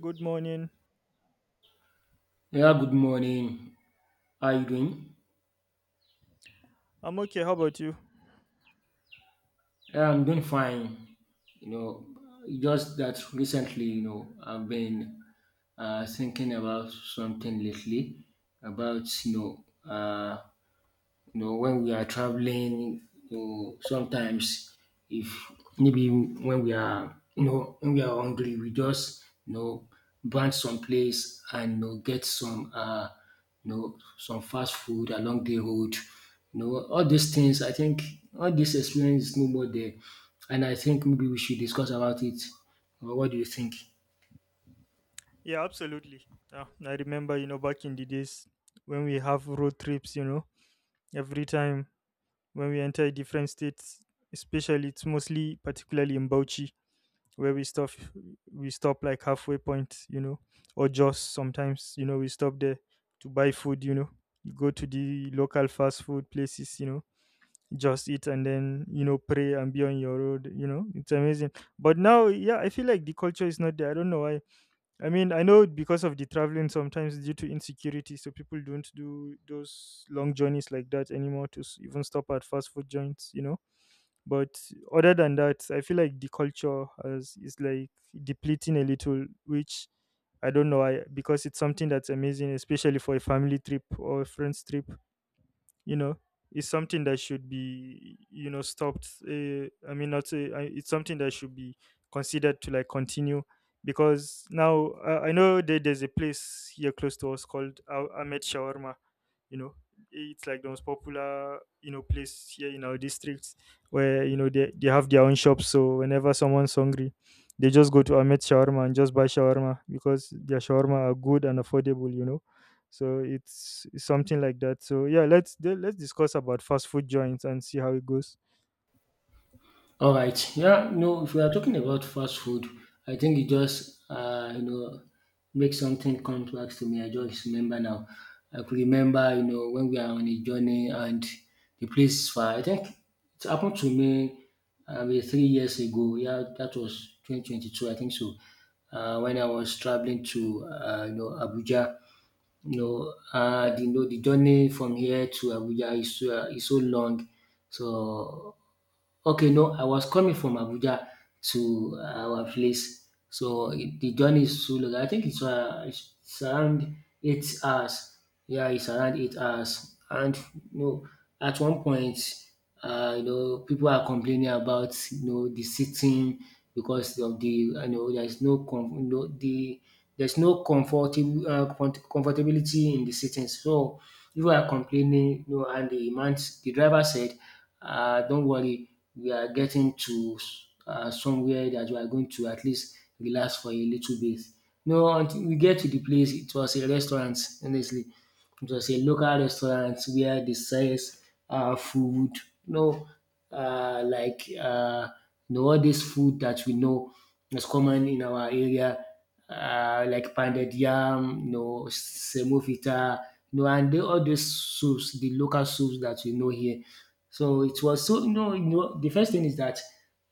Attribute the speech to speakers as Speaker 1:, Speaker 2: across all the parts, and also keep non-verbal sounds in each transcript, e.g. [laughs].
Speaker 1: Good morning.
Speaker 2: Yeah, good morning. How are you doing?
Speaker 1: I'm okay. How about you?
Speaker 2: Yeah, I'm doing fine. You know, just that recently, I've been thinking about something lately about, when we are traveling, sometimes if maybe when we are, when we are hungry, we just, branch some place and get some, some fast food along the road. You know, all these things, I think all this experience is no more there. And I think maybe we should discuss about it. Or what do you think?
Speaker 1: Yeah, absolutely. Yeah, I remember, you know, back in the days when we have road trips, you know, every time when we enter different states, especially it's mostly particularly in Bauchi where we stop like halfway point, you know, or just sometimes, you know, we stop there to buy food, you know. You go to the local fast food places, you know, just eat and then, you know, pray and be on your road, It's amazing. But now, yeah, I feel like the culture is not there. I don't know why. I mean, I know because of the traveling, sometimes due to insecurity, so people don't do those long journeys like that anymore to even stop at fast food joints, you know. But other than that, I feel like the culture has, is like depleting a little, which I don't know, I, because it's something that's amazing, especially for a family trip or a friend's trip, you know. It's something that should be, you know, stopped, I mean not it's something that should be considered to like continue, because now I know that there's a place here close to us called Ahmed Shawarma, you know. It's like the most popular, you know, place here in our district where, you know, they have their own shops, so whenever someone's hungry they just go to Ahmed Shawarma and just buy shawarma because their shawarma are good and affordable, you know. So it's something like that. So yeah, let's discuss about fast food joints and see how it goes.
Speaker 2: All right. Yeah. No. If we are talking about fast food, I think it just make something complex to me. I just remember now. I could remember, you know, when we are on a journey and the place is far. I think it happened to me, maybe 3 years ago. Yeah, that was 2022, I think so. When I was traveling to you know, Abuja, the journey from here to Abuja is so long. So, okay, no, I was coming from Abuja to our place. So the journey is so long. I think it's, it's around 8 hours. Yeah, it's around 8 hours. And, you know, at one point, you know, people are complaining about, you know, the sitting because of the there's no, com- you know, there's no comfortable, comfortability in the sittings. So if you are complaining, you know, and the man, the driver said, "Don't worry, we are getting to somewhere that we are going to at least relax for a little bit." No, until we get to the place, it was a restaurant, honestly. Just a local restaurant where they sells food, you know, uh, like uh, all this food that we know is common in our area, like pounded yam, you know, semovita, you know, and all these soups, the local soups that we know here. So it was so, you know, the first thing is that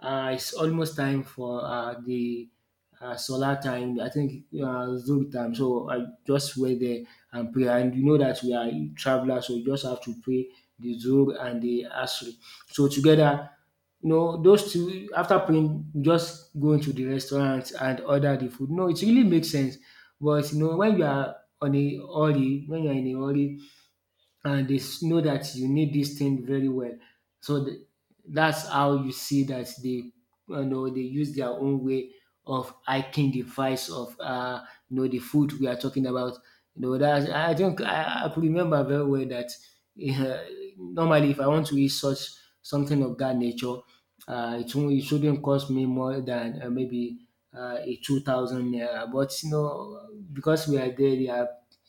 Speaker 2: it's almost time for the solar time. I think, Zulu time. So I just went there and prayer. And you know that we are travelers, so we just have to pray the Zuhr and the Asr. So together, you know, those two, after praying, we just go into the restaurant and order the food. No, it really makes sense. But you know, when you are on a hurry, when you are in a hurry, and know that you need this thing very well. So th- that's how you see that they, you know, they use their own way of hiking the price of you know, the food we are talking about. You know that I could remember very well that, uh, normally if I want to eat such something of that nature, it shouldn't cost me more than maybe a 2,000 naira. But you know, because we are there, they are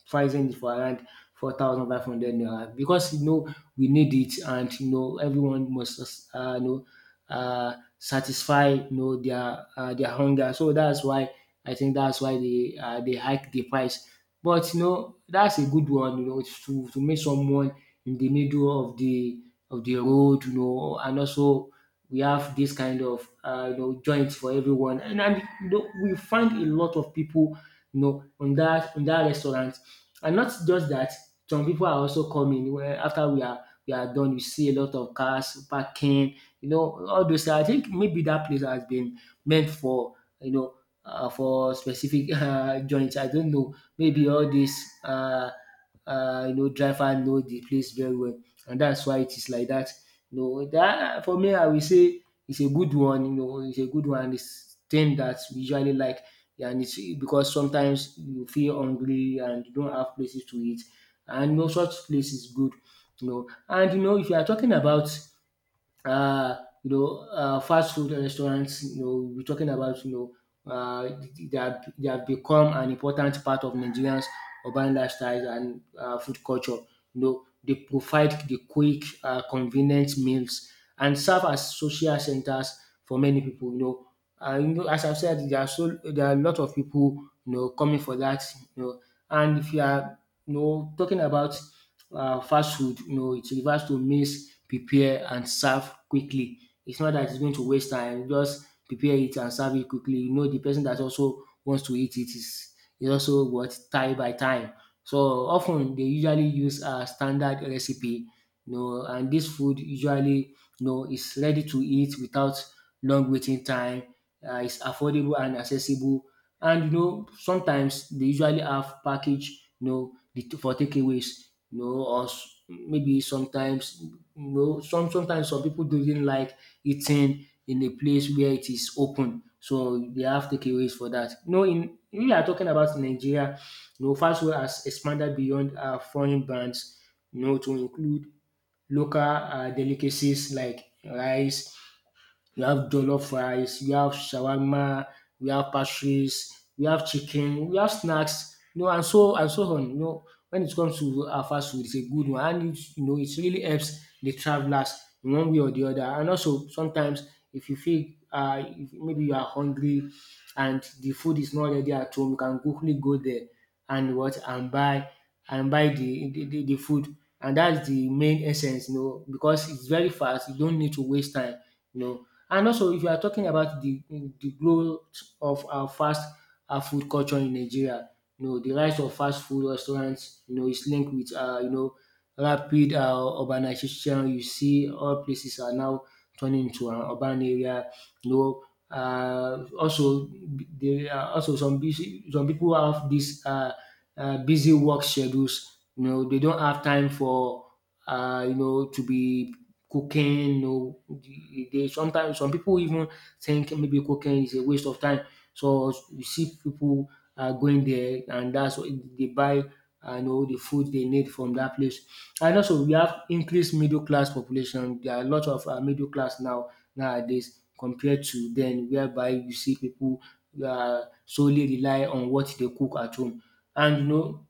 Speaker 2: pricing it for around 4,500 naira, because you know we need it and you know everyone must, you know, satisfy, you know, their, their hunger. So that's why, I think that's why they, they hike the price. But you know, that's a good one. You know, to make someone in the middle of the road. You know, and also we have this kind of, you know, joints for everyone, and you know, we find a lot of people, you know, on that restaurant. And not just that, some people are also coming where after we are done, you see a lot of cars parking, you know, all those things. I think maybe that place has been meant for, you know, for specific [laughs] joints. I don't know. Maybe all these, uh, you know, driver know the place very well, and that's why it is like that. You know, that for me, I will say it's a good one. You know, it's a good one. It's thing that we usually like. Yeah, and it's because sometimes you feel hungry and you don't have places to eat, and you know such place is good. You know, and you know, if you are talking about, uh, fast food restaurants, you know, we're talking about, know, uh, they have become an important part of Nigerians' urban lifestyles and, food culture. You know, they provide the quick, convenient meals and serve as social centers for many people. You know, as I've said, there are a lot of people, you know, coming for that. You know, and if you are, you know, talking about fast food, you know, it refers to meals prepare and serve quickly. It's not that it's going to waste time, just prepare it and serve it quickly. You know, the person that also wants to eat it is also what time by time. So often they usually use a standard recipe, you know, and this food usually, you know, is ready to eat without long waiting time. It's affordable and accessible, and you know, sometimes they usually have package, for takeaways, you know, or maybe sometimes, you know, sometimes some people doesn't like eating in a place where it is open, so they have takeaways for that. You know, in we are talking about Nigeria. You know, fast food has expanded beyond, foreign brands. You know, to include local, delicacies like rice, we have jollof rice, we have shawarma, we have pastries, we have chicken, we have snacks, you know, and so on. You know, when it comes to our fast food, it's a good one, and it, you know, it really helps the travelers in one way or the other. And also sometimes if you feel, if maybe you are hungry and the food is not ready at home, you can quickly go there and what and buy the food. And that's the main essence, you know, because it's very fast, you don't need to waste time. You know, and also, if you are talking about the growth of our fast food culture in Nigeria, you know, the rise of fast food restaurants, you know, is linked with, you know, rapid urbanization. You see all places are now turning into an urban area. No, also there are also some people have this, busy work schedules. You know, they don't have time for, you know, to be cooking. You know, they sometimes, some people even think maybe cooking is a waste of time. So you see people are going there, and that's why they buy, you know, the food they need from that place. And also we have increased middle class population. There are a lot of middle class now nowadays, compared to then whereby you see people are solely rely on what they cook at home. And you know,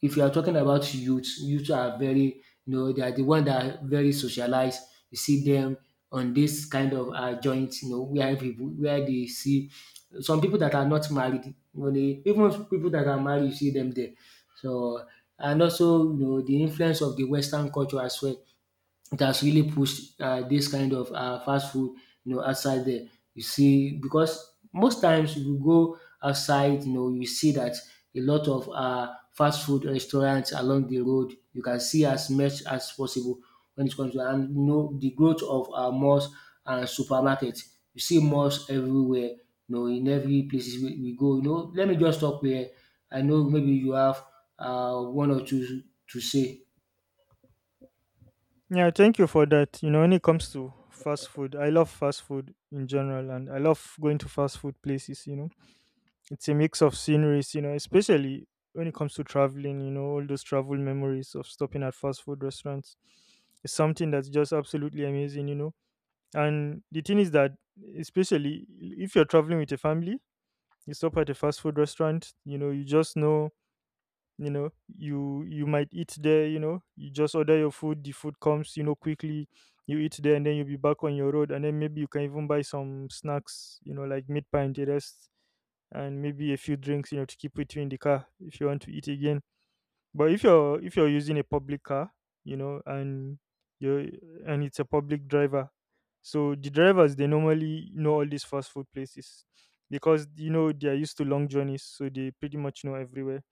Speaker 2: if you are talking about youth, youth are very, you know, they are the one that are very socialized. You see them on this kind of joint, you know, where people where they see some people that are not married, even people that are married, you see them there. So, and also, you know, the influence of the Western culture as well, it has really pushed, this kind of, fast food, you know, outside there. You see, because most times you go outside, you know, you see that a lot of, fast food restaurants along the road, you can see as much as possible. When it comes to, and you know, the growth of, malls and supermarkets, you see malls everywhere, you know, in every places we go. You know, let me just stop here. I know maybe you have, one or two to say.
Speaker 1: Yeah, thank you for that. You know, when it comes to fast food, I love fast food in general, and I love going to fast food places. It's a mix of sceneries, you know, especially when it comes to traveling, you know. All those travel memories of stopping at fast food restaurants is something that's just absolutely amazing, you know. And the thing is that, especially if you're traveling with a family, you stop at a fast food restaurant, you know, you just know, you know, you might eat there, you know, you just order your food, the food comes, you know, quickly, you eat there, and then you'll be back on your road, and then maybe you can even buy some snacks, you know, like meat pie and the rest, and maybe a few drinks, you know, to keep with you in the car if you want to eat again. But if you're using a public car, you know, and you're, and it's a public driver, so the drivers, they normally know all these fast food places because you know they are used to long journeys, so they pretty much know everywhere.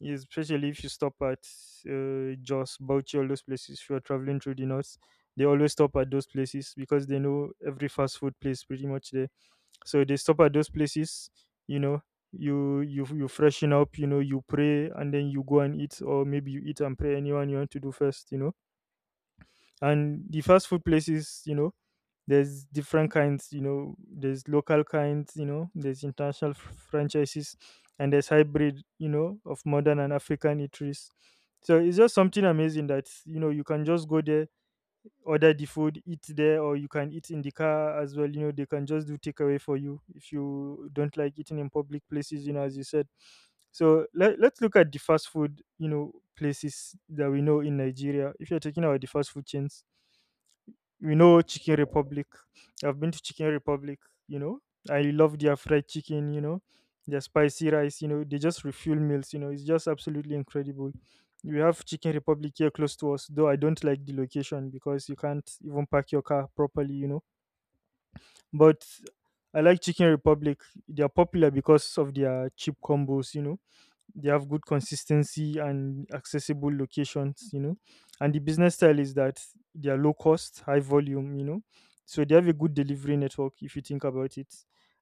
Speaker 1: Especially if you stop at Jos, Bauchi, all those places. If you are traveling through the north, they always stop at those places because they know every fast food place pretty much there, so they stop at those places, you know. You freshen up, you know, you pray and then you go and eat, or maybe you eat and pray, anyone you want to do first, you know. And the fast food places, you know, there's different kinds, you know, there's local kinds, you know, there's international franchises, and there's hybrid, you know, of modern and African eateries. So it's just something amazing that, you know, you can just go there, order the food, eat there, or you can eat in the car as well. You know, they can just do takeaway for you if you don't like eating in public places, you know, as you said. So let's look at the fast food, you know, places that we know in Nigeria. If you're talking about the fast food chains, you know, Chicken Republic. I've been to Chicken Republic, you know. I love their fried chicken, you know, their spicy rice, you know, they just refuel meals, you know, it's just absolutely incredible. We have Chicken Republic here close to us, though I don't like the location because you can't even park your car properly, you know. But I like Chicken Republic. They are popular because of their cheap combos, you know. They have good consistency and accessible locations, you know, and the business style is that they are low cost, high volume, you know. So they have a good delivery network if you think about it,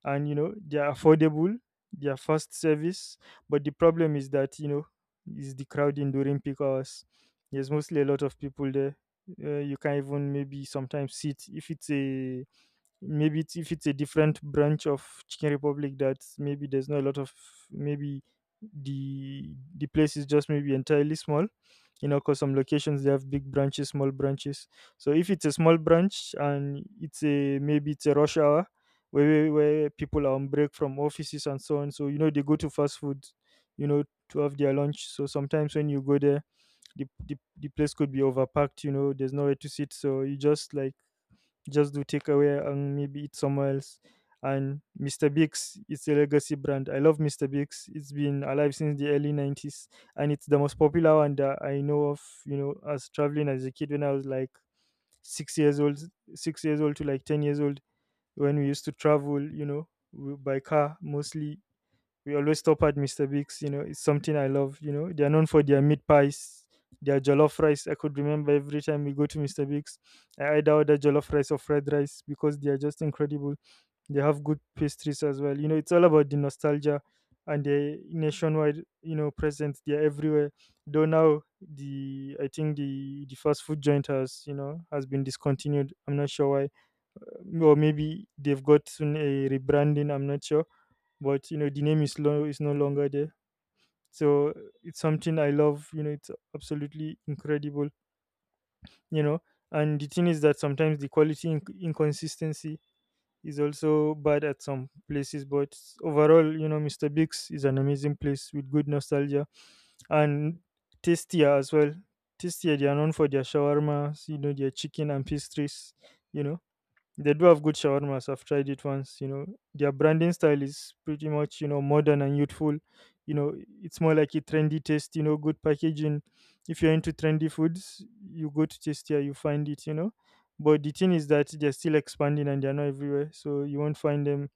Speaker 1: and you know they are affordable, they are fast service. But the problem is that, you know, is the crowding during peak hours. There's mostly a lot of people there. You can even maybe sometimes sit if it's a, maybe it's, if it's a different branch of Chicken Republic that maybe there's not a lot of, maybe the place is just maybe entirely small, you know, because some locations they have big branches, small branches. So if it's a small branch and it's a maybe it's a rush hour, where people are on break from offices and so on, so you know they go to fast food, you know, to have their lunch. So sometimes when you go there, the place could be overpacked, you know, there's nowhere to sit, so you just like just do takeaway and maybe eat somewhere else. And Mr. Biggs, it's a legacy brand. I love Mr. Biggs. It's been alive since the early 90s, and it's the most popular one that I know of, you know. As traveling as a kid when I was like six years old, six years old to like 10 years old, when we used to travel, you know, by car mostly, we always stop at Mr. Biggs. You know, it's something I love. You know, they are known for their meat pies, their jollof rice. I could remember every time we go to Mr. Biggs, I either order jollof rice or fried rice because they are just incredible. They have good pastries as well. You know, it's all about the nostalgia and the nationwide, you know, presence. They are everywhere. Though now, the, I think the fast food joint has, you know, has been discontinued. I'm not sure why, or maybe they've gotten a rebranding. I'm not sure, but you know the name is low, is no longer there. So it's something I love, you know. It's absolutely incredible, you know. And the thing is that sometimes the quality inconsistency is also bad at some places, but overall, you know, Mr. Big's is an amazing place with good nostalgia. And Tastier as well. Tastier, they are known for their shawarmas, you know, their chicken and pastries, you know. They do have good shawarmas. I've tried it once. You know, their branding style is pretty much, you know, modern and youthful. You know, it's more like a trendy taste. You know, good packaging. If you're into trendy foods, you go to Tastia, you find it. You know, but the thing is that they're still expanding and they're not everywhere, so you won't find them.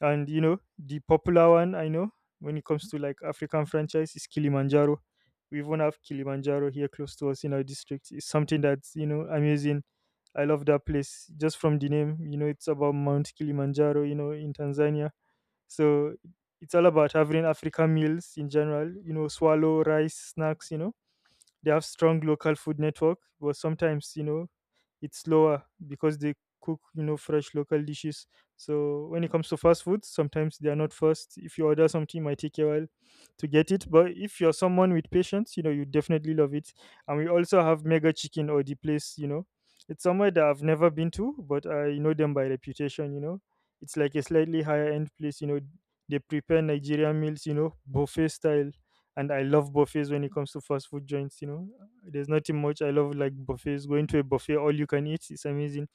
Speaker 1: And you know, the popular one I know when it comes to like African franchise is Kilimanjaro. We even have Kilimanjaro here close to us in our district. It's something that's, you know, amazing. I love that place just from the name. You know, it's about Mount Kilimanjaro, you know, in Tanzania. So it's all about having African meals in general, you know, swallow, rice, snacks, you know. They have strong local food network, but sometimes, you know, it's slower because they cook, you know, fresh local dishes. So when it comes to fast food, sometimes they are not fast. If you order something, it might take a while to get it, but if you're someone with patience, you know, you definitely love it. And we also have Mega Chicken or the place, you know. It's somewhere that I've never been to, but I know them by reputation, you know. It's like a slightly higher end place, you know. They prepare Nigerian meals, you know, buffet style. And I love buffets when it comes to fast food joints, you know. There's nothing much I love like buffets. Going to a buffet, all you can eat, it's amazing.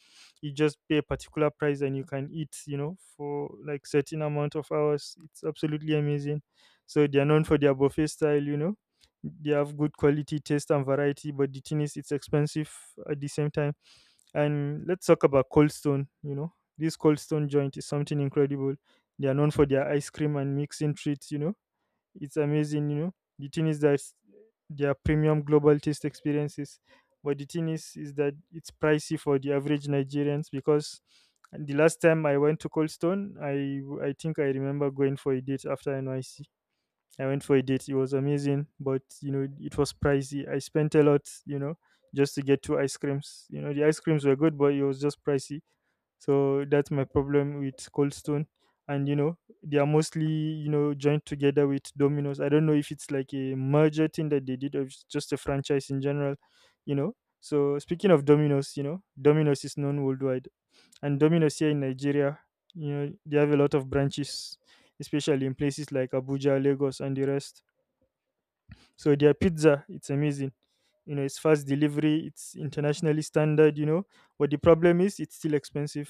Speaker 1: You just pay a particular price and you can eat, you know, for like certain amount of hours. It's absolutely amazing. So they are known for their buffet style, you know. They have good quality, taste and variety, but the thing is it's expensive at the same time. And let's talk about Cold Stone, you know. This Cold Stone joint is something incredible. They are known for their ice cream and mixing treats, you know, it's amazing, you know. The thing is that they are premium global taste experiences, but the thing is that it's pricey for the average Nigerians because the last time I went to Cold Stone, I think I remember going for a date after NYC. I went for a date. It was amazing, but it was pricey. I spent a lot, just to get two ice creams. You know, the ice creams were good, but it was just pricey. So that's my problem with Cold Stone. And they are mostly, joined together with Domino's. I don't know if it's like a merger thing that they did or if it's just a franchise in general, you know. So speaking of Domino's, Domino's is known worldwide. And Domino's here in Nigeria, they have a lot of branches, especially in places like Abuja, Lagos, and the rest. So their pizza, it's amazing. You know, it's fast delivery, it's internationally standard, you know. But the problem is it's still expensive.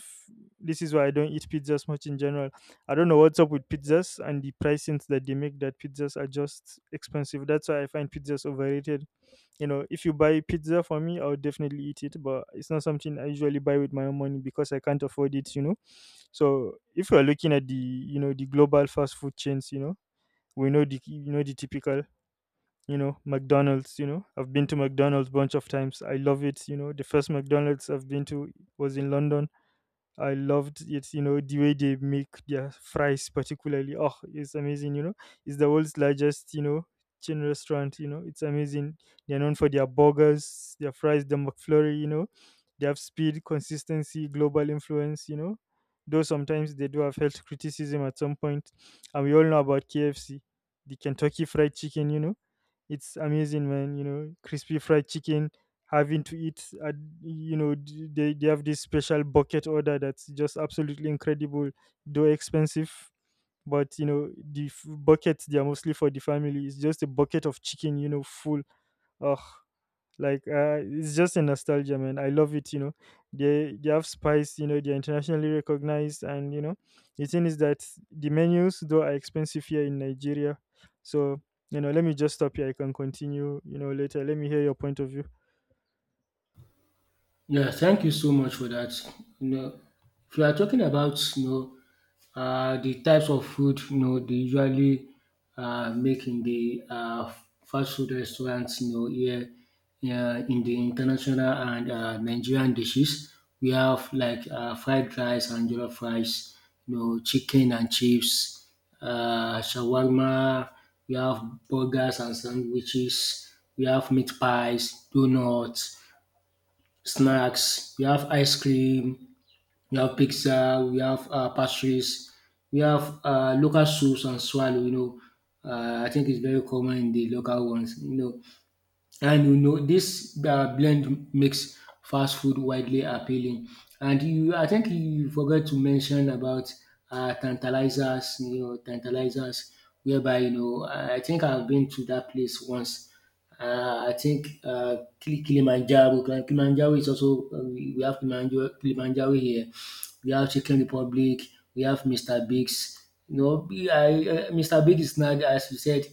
Speaker 1: This is why I don't eat pizzas much in general. I don't know what's up with pizzas and the pricings that they make that pizzas are just expensive. That's why I find pizzas overrated. You know, if you buy pizza for me, I would definitely eat it, but it's not something I usually buy with my own money because I can't afford it. So if you're looking at the the global fast food chains, we know the the typical, McDonald's, you know. I've been to McDonald's bunch of times. I love it, you know. The first McDonald's I've been to was in London. I loved it, you know, the way they make their fries particularly. Oh, it's amazing, you know. It's the world's largest, chain restaurant, you know. It's amazing. They're known for their burgers, their fries, the McFlurry, you know. They have speed, consistency, global influence, you know. Though sometimes they do have health criticism at some point. And we all know about KFC, the Kentucky fried chicken, you know. It's amazing, man, you know, crispy fried chicken, having to eat at, they have this special bucket order that's just absolutely incredible, though expensive. But buckets, they are mostly for the family. It's just a bucket of chicken, you know, full. Ugh, like it's just a nostalgia, man, I love it, you know. They have spice, you know, they're internationally recognized, and you know the thing is that the menus though are expensive here in Nigeria. So, you know, let me just stop here. I can continue, you know, later. Let me hear your point of view.
Speaker 2: Yeah, thank you so much for that. You know, if you are talking about, you know, the types of food, you know, they usually, make in the, fast food restaurants, you know, here, in the international and, Nigerian dishes, we have like, fried rice and jollof rice, you know, chicken and chips, shawarma. We have burgers and sandwiches. We have meat pies, donuts, snacks, we have ice cream, we have pizza, we have, pastries, we have, local soups and swallow. You know, I think it's very common in the local ones. You know, and you know, this blend makes fast food widely appealing. I think you forgot to mention about tantalizers, tantalizers, whereby, I think I've been to that place once. I think Kilimanjaro, Kilimanjaro is also, we have Kilimanjaro, Kilimanjaro here. We have Chicken Republic, we have Mr. Biggs. Mr. Biggs is not, as you said,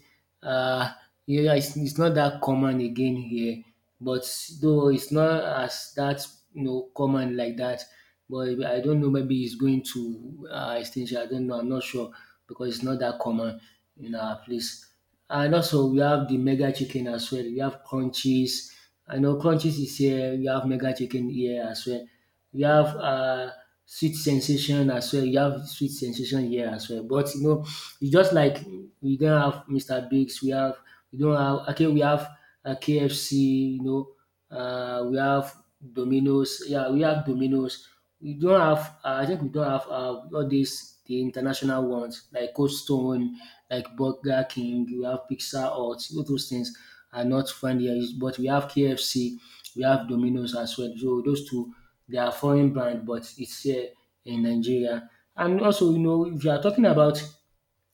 Speaker 2: uh, yeah, yeah, it's not that common again here, but though it's not as that common like that. But I don't know. Maybe it's going to extinction. I don't know. I'm not sure because it's not that common in our place. And also we have the mega chicken as well. We have crunchies. I know Crunchies is here, you have Mega Chicken here as well. You have Sweet Sensation as well. You have Sweet Sensation here as well. But it's just like we don't have Mr. Biggs, we have we don't have okay, we have KFC, we have Domino's. Yeah, we have Domino's. We don't have I think we don't have all these the international ones like Cold Stone, like Burger King, we have Pizza Hut, all those things are not found here. But we have KFC, we have Domino's as well. So those two they are foreign brand, but it's here in Nigeria. And also, if you are talking about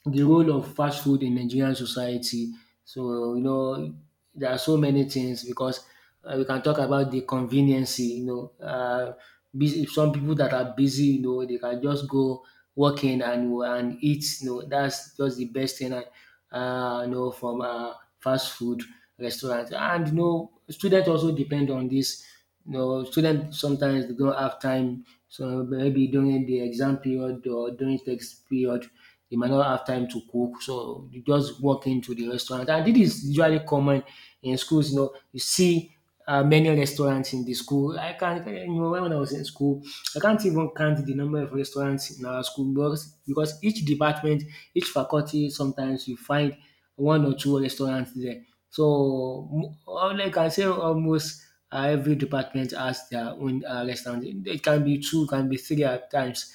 Speaker 2: the role of fast food in Nigerian society. So you know there are so many things because we can talk about the conveniency. Busy, some people that are busy, you know, they can just go working and eat. You know, that's just the best thing. And from fast food restaurant and you know, students also depend on this. You know, students sometimes they don't have time. So maybe during the exam period or during text period, they might not have time to cook, so you just walk into the restaurant. And this is usually common in schools. You know, you see many restaurants in the school. I can't, you know, when I was in school, I can't even count the number of restaurants in our school because each department, each faculty, sometimes you find one or two restaurants there. So, all I can say almost every department has their own restaurant. It can be two, can be three at times.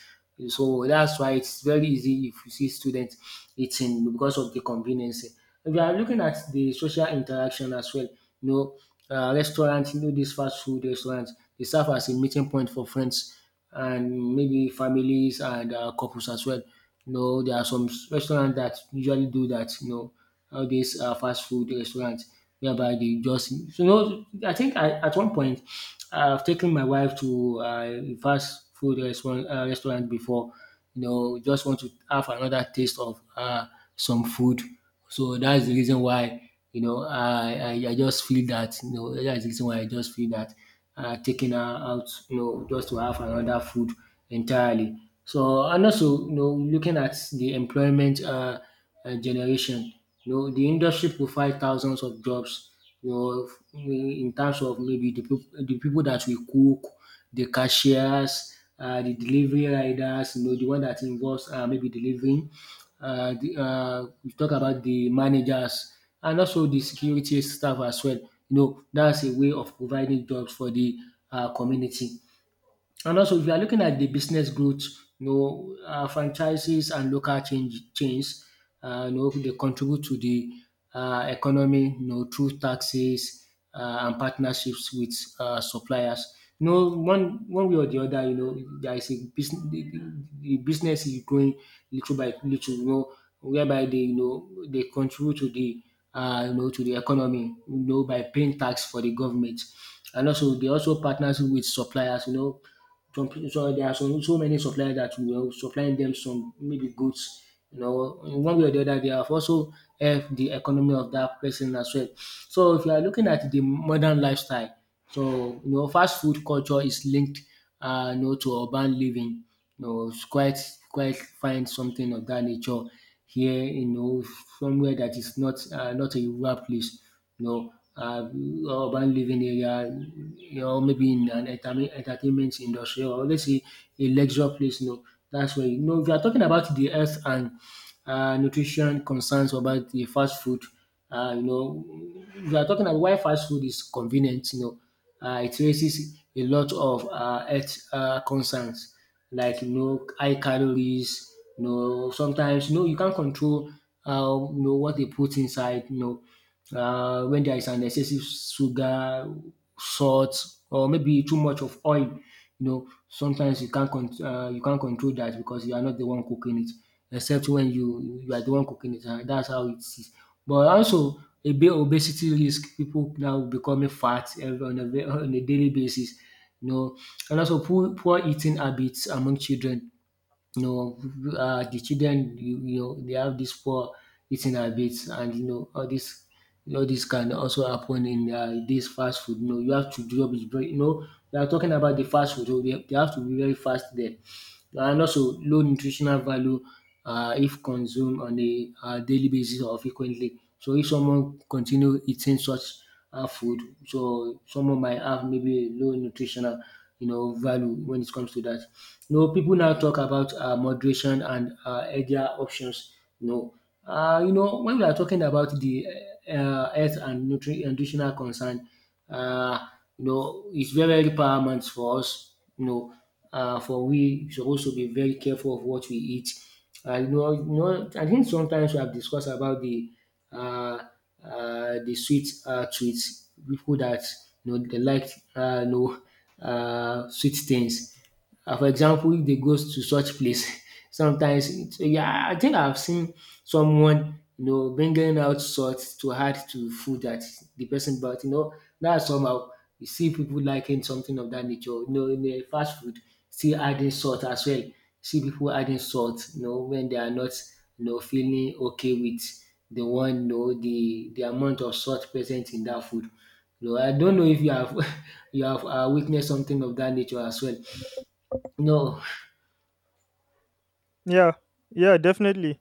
Speaker 2: So that's why it's very easy if you see students eating because of the convenience. If you are looking at the social interaction as well, you know, restaurants, you know, these fast food restaurants, they serve as a meeting point for friends and maybe families and couples as well. You know, there are some restaurants that usually do that, you know, all these fast food restaurants whereby they just so, at one point I've taken my wife to a fast food restaurant before just want to have another taste of some food so that's the reason why you know I just feel that you know that's the reason why I just feel that taking her out you know just to have another food entirely so and also you know looking at the employment. Generation. You know, the industry provides thousands of jobs. You know, in terms of maybe the people that we cook, the cashiers, the delivery riders. You know, the one that involves maybe delivering. We talk about the managers and also the security staff as well. You know, that's a way of providing jobs for the community. And also, if you are looking at the business growth, you know, franchises and local chains, you know, they contribute to the economy, you know, through taxes and partnerships with suppliers. You know, one way or the other, you know, there is a business. The business is growing little by little. You know, whereby they you know they contribute to the you know to the economy. You know, by paying tax for the government and also they also partners with suppliers you know some people, so there are some so many suppliers that we are supplying them some maybe goods. You know, in one way or the other, they have also helped the economy of that person as well. So if you are looking at the modern lifestyle, so, you know, fast food culture is linked you know to urban living. You know, it's quite find something of that nature here, you know, somewhere that is not not a rural place. You know, urban living area, you know, maybe in an entertainment industry or let's say a leisure place, you know, that's where you know if you are talking about the health and nutrition concerns about the fast food you know, we are talking about why fast food is convenient. It raises a lot of health concerns, like you know, high calories. You know, sometimes you know you can't control you know what they put inside. When there is an excessive sugar, salt, or maybe too much of oil. You know, sometimes you can't control that because you are not the one cooking it except when you are the one cooking it and that's how it is. But also a bit obesity risk. People now becoming fat on a daily basis, you know, and also poor eating habits among children you know, the children, you know, they have this poor eating habits, and you know, all this can also happen in this fast food. You know, you have to job is very, you know, we are talking about the fast food, so they have to be very fast there, and also low nutritional value if consumed on a daily basis or frequently. So if someone continue eating such food. So someone might have maybe low nutritional, you know, value when it comes to that. You know, people now talk about moderation and healthier options. You know, you know, when we are talking about the health and nutritional concern, uh, you know, it's very, very paramount for us, you know, for we supposed to be very careful of what we eat. I think sometimes we have discussed about uh, the sweet treats, people that you know they like uh, you sweet things. And for example, if they go to such place, [laughs] sometimes it, yeah, I think I've seen someone you know bringing out salt to add to food that the person bought. You know, that somehow you see people liking something of that nature. You know, in the fast food, still adding salt as well. See people adding salt. You know, when they are not you know feeling okay with the one you know the amount of salt present in that food. You know, I don't know if you have [laughs] you have witnessed something of that nature as well. No,
Speaker 1: Yeah, yeah, definitely.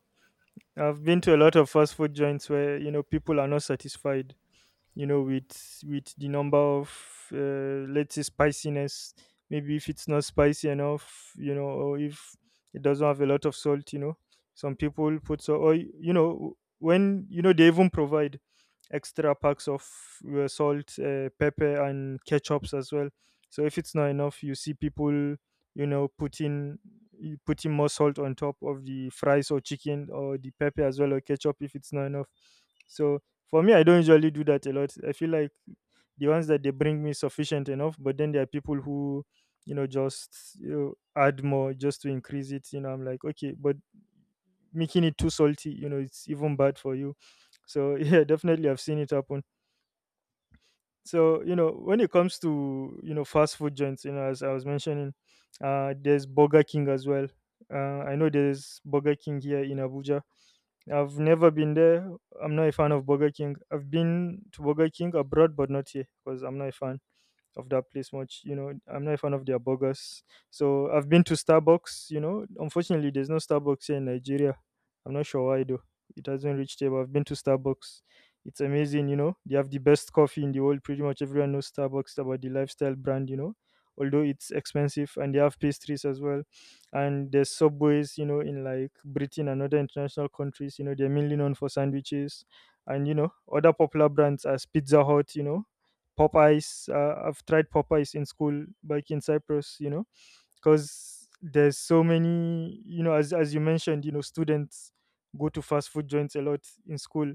Speaker 1: I've been to a lot of fast food joints where you know people are not satisfied, with the number of let's say spiciness, maybe if it's not spicy enough, you know, or if it doesn't have a lot of salt, you know, some people put so. Or when they even provide extra packs of salt, pepper, and ketchups as well. So if it's not enough, you see people, putting, you putting more salt on top of the fries or chicken or the pepper as well or ketchup if it's not enough. So for me, I don't usually do that a lot. I feel like the ones that they bring me sufficient enough, but then there are people who, just add more just to increase it. You know, I'm like, okay, but making it too salty, you know, it's even bad for you. So [laughs] yeah, definitely, I've seen it happen. So you know, when it comes to fast food joints, you know, as I was mentioning, there's Burger King as well. I know there's Burger King here in Abuja. I've never been there. I'm not a fan of Burger King. I've been to Burger King abroad, but not here because I'm not a fan of that place much. You know, I'm not a fan of their burgers. So I've been to Starbucks. You know, unfortunately, there's no Starbucks here in Nigeria. I'm not sure why though. It hasn't reached here, but I've been to Starbucks. It's amazing. You know, they have the best coffee in the world. Pretty much everyone knows Starbucks about the lifestyle brand. You know, although it's expensive, and they have pastries as well. And there's subways. You know, in like Britain and other international countries. You know, they're mainly known for sandwiches, and you know other popular brands as Pizza Hut, you know, Popeyes. I've tried Popeyes in school back in Cyprus, you know, because there's so many, you know, as you mentioned, you know, students go to fast food joints a lot in school.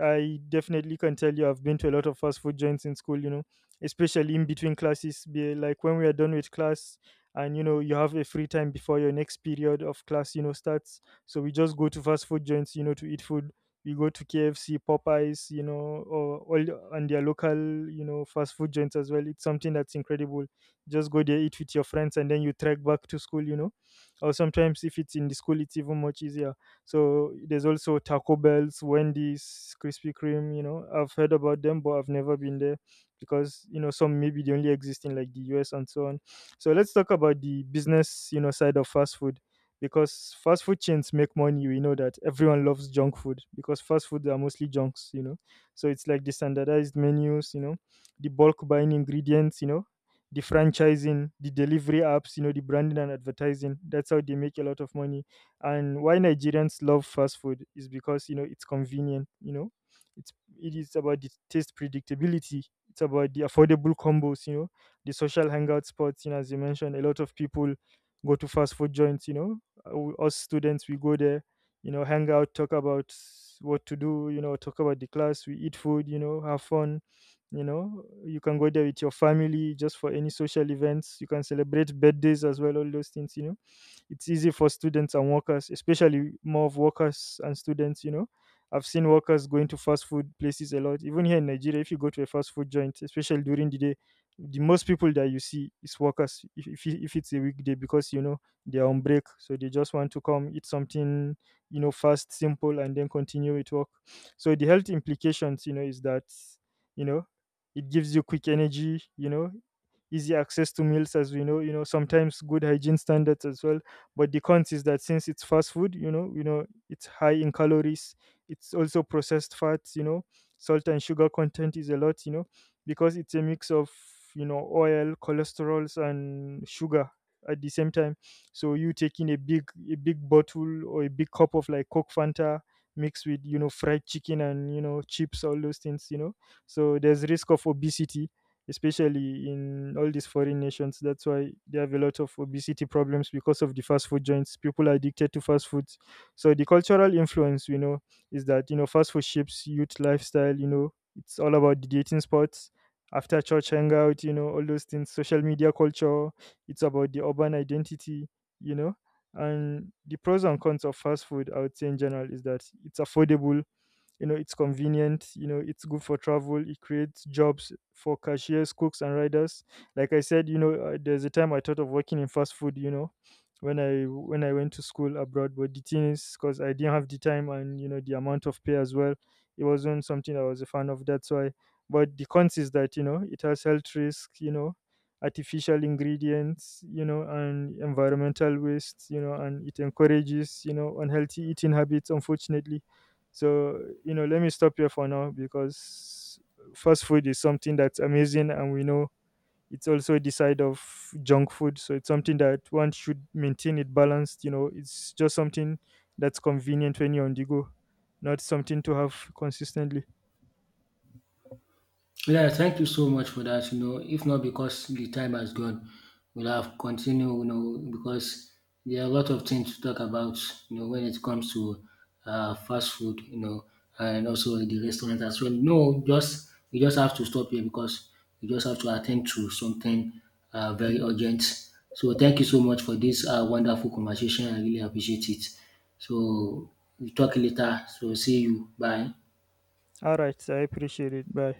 Speaker 1: I definitely can tell you I've been to a lot of fast food joints in school, you know, especially in between classes. Like when we are done with class and you know you have a free time before your next period of class, you know, starts. So we just go to fast food joints, you know, to eat food. We go to KFC, Popeyes, you know, or and their local, you know, fast food joints as well. It's something that's incredible. Just go there, eat with your friends, and then you trek back to school, you know. Or sometimes if it's in the school, it's even much easier. So there's also Taco Bell's, Wendy's, Krispy Kreme. You know, I've heard about them, but I've never been there because you know some maybe they only exist in like the US and so on. So let's talk about the business you know side of fast food, because fast food chains make money. We know that everyone loves junk food because fast food are mostly junks. You know, so it's like the standardized menus. You know, the bulk buying ingredients. You know, the franchising, the delivery apps, you know, the branding and advertising. That's how they make a lot of money. And why Nigerians love fast food is because you know it's convenient. You know, it is about the taste predictability. It's about the affordable combos. You know, the social hangout spots. You know, as you mentioned, a lot of people go to fast food joints. You know, us students we go there. You know, hang out, talk about what to do. You know, talk about the class. We eat food. You know, have fun. You know, you can go there with your family just for any social events. You can celebrate birthdays as well, all those things, you know. It's easy for students and workers, especially more of workers and students, you know. I've seen workers going to fast food places a lot. Even here in Nigeria, if you go to a fast food joint, especially during the day, the most people that you see is workers, if it's a weekday, because you know they're on break, so they just want to come eat something, you know, fast, simple, and then continue with work. So the health implications you know is that you know it gives you quick energy, you know, easy access to meals as we know, you know, sometimes good hygiene standards as well. But the cons is that since it's fast food, you know it's high in calories. It's also processed fats, you know, salt and sugar content is a lot, you know, because it's a mix of, you know, oil, cholesterols, and sugar at the same time. So you taking a big bottle or a big cup of like coke, fanta, mixed with, you know, fried chicken and, you know, chips, all those things, you know. So there's risk of obesity, especially in all these foreign nations. That's why they have a lot of obesity problems because of the fast food joints. People are addicted to fast foods. So the cultural influence, you know, is that you know fast food shapes youth lifestyle. You know, it's all about the dating spots. After church hangout, you know, all those things, social media culture, it's about the urban identity, you know. And the pros and cons of fast food, I would say in general, is that it's affordable, you know, it's convenient, you know, it's good for travel, it creates jobs for cashiers, cooks, and riders. Like I said, there's a time I thought of working in fast food, you know, when I went to school abroad. But the thing is, because I didn't have the time and you know the amount of pay as well, it wasn't something I was a fan of. That's why. But the cons is that you know it has health risk, you know, artificial ingredients, you know, and environmental waste, you know, and it encourages you know unhealthy eating habits. Unfortunately, so, you know, let me stop here for now because fast food is something that's amazing and we know it's also the side of junk food. So it's something that one should maintain it balanced, you know, it's just something that's convenient when you're on the go, not something to have consistently.
Speaker 2: yeah, thank you so much for that. You know, if not because the time has gone, we'll have continued, you know, because there are a lot of things to talk about, you know, when it comes to fast food, you know, and also the restaurant as well. No, just we just have to stop here because we just have to attend to something very urgent. So thank you so much for this wonderful conversation. I really appreciate it. So we talk later. So see you. Bye.
Speaker 1: All right, I appreciate it. Bye.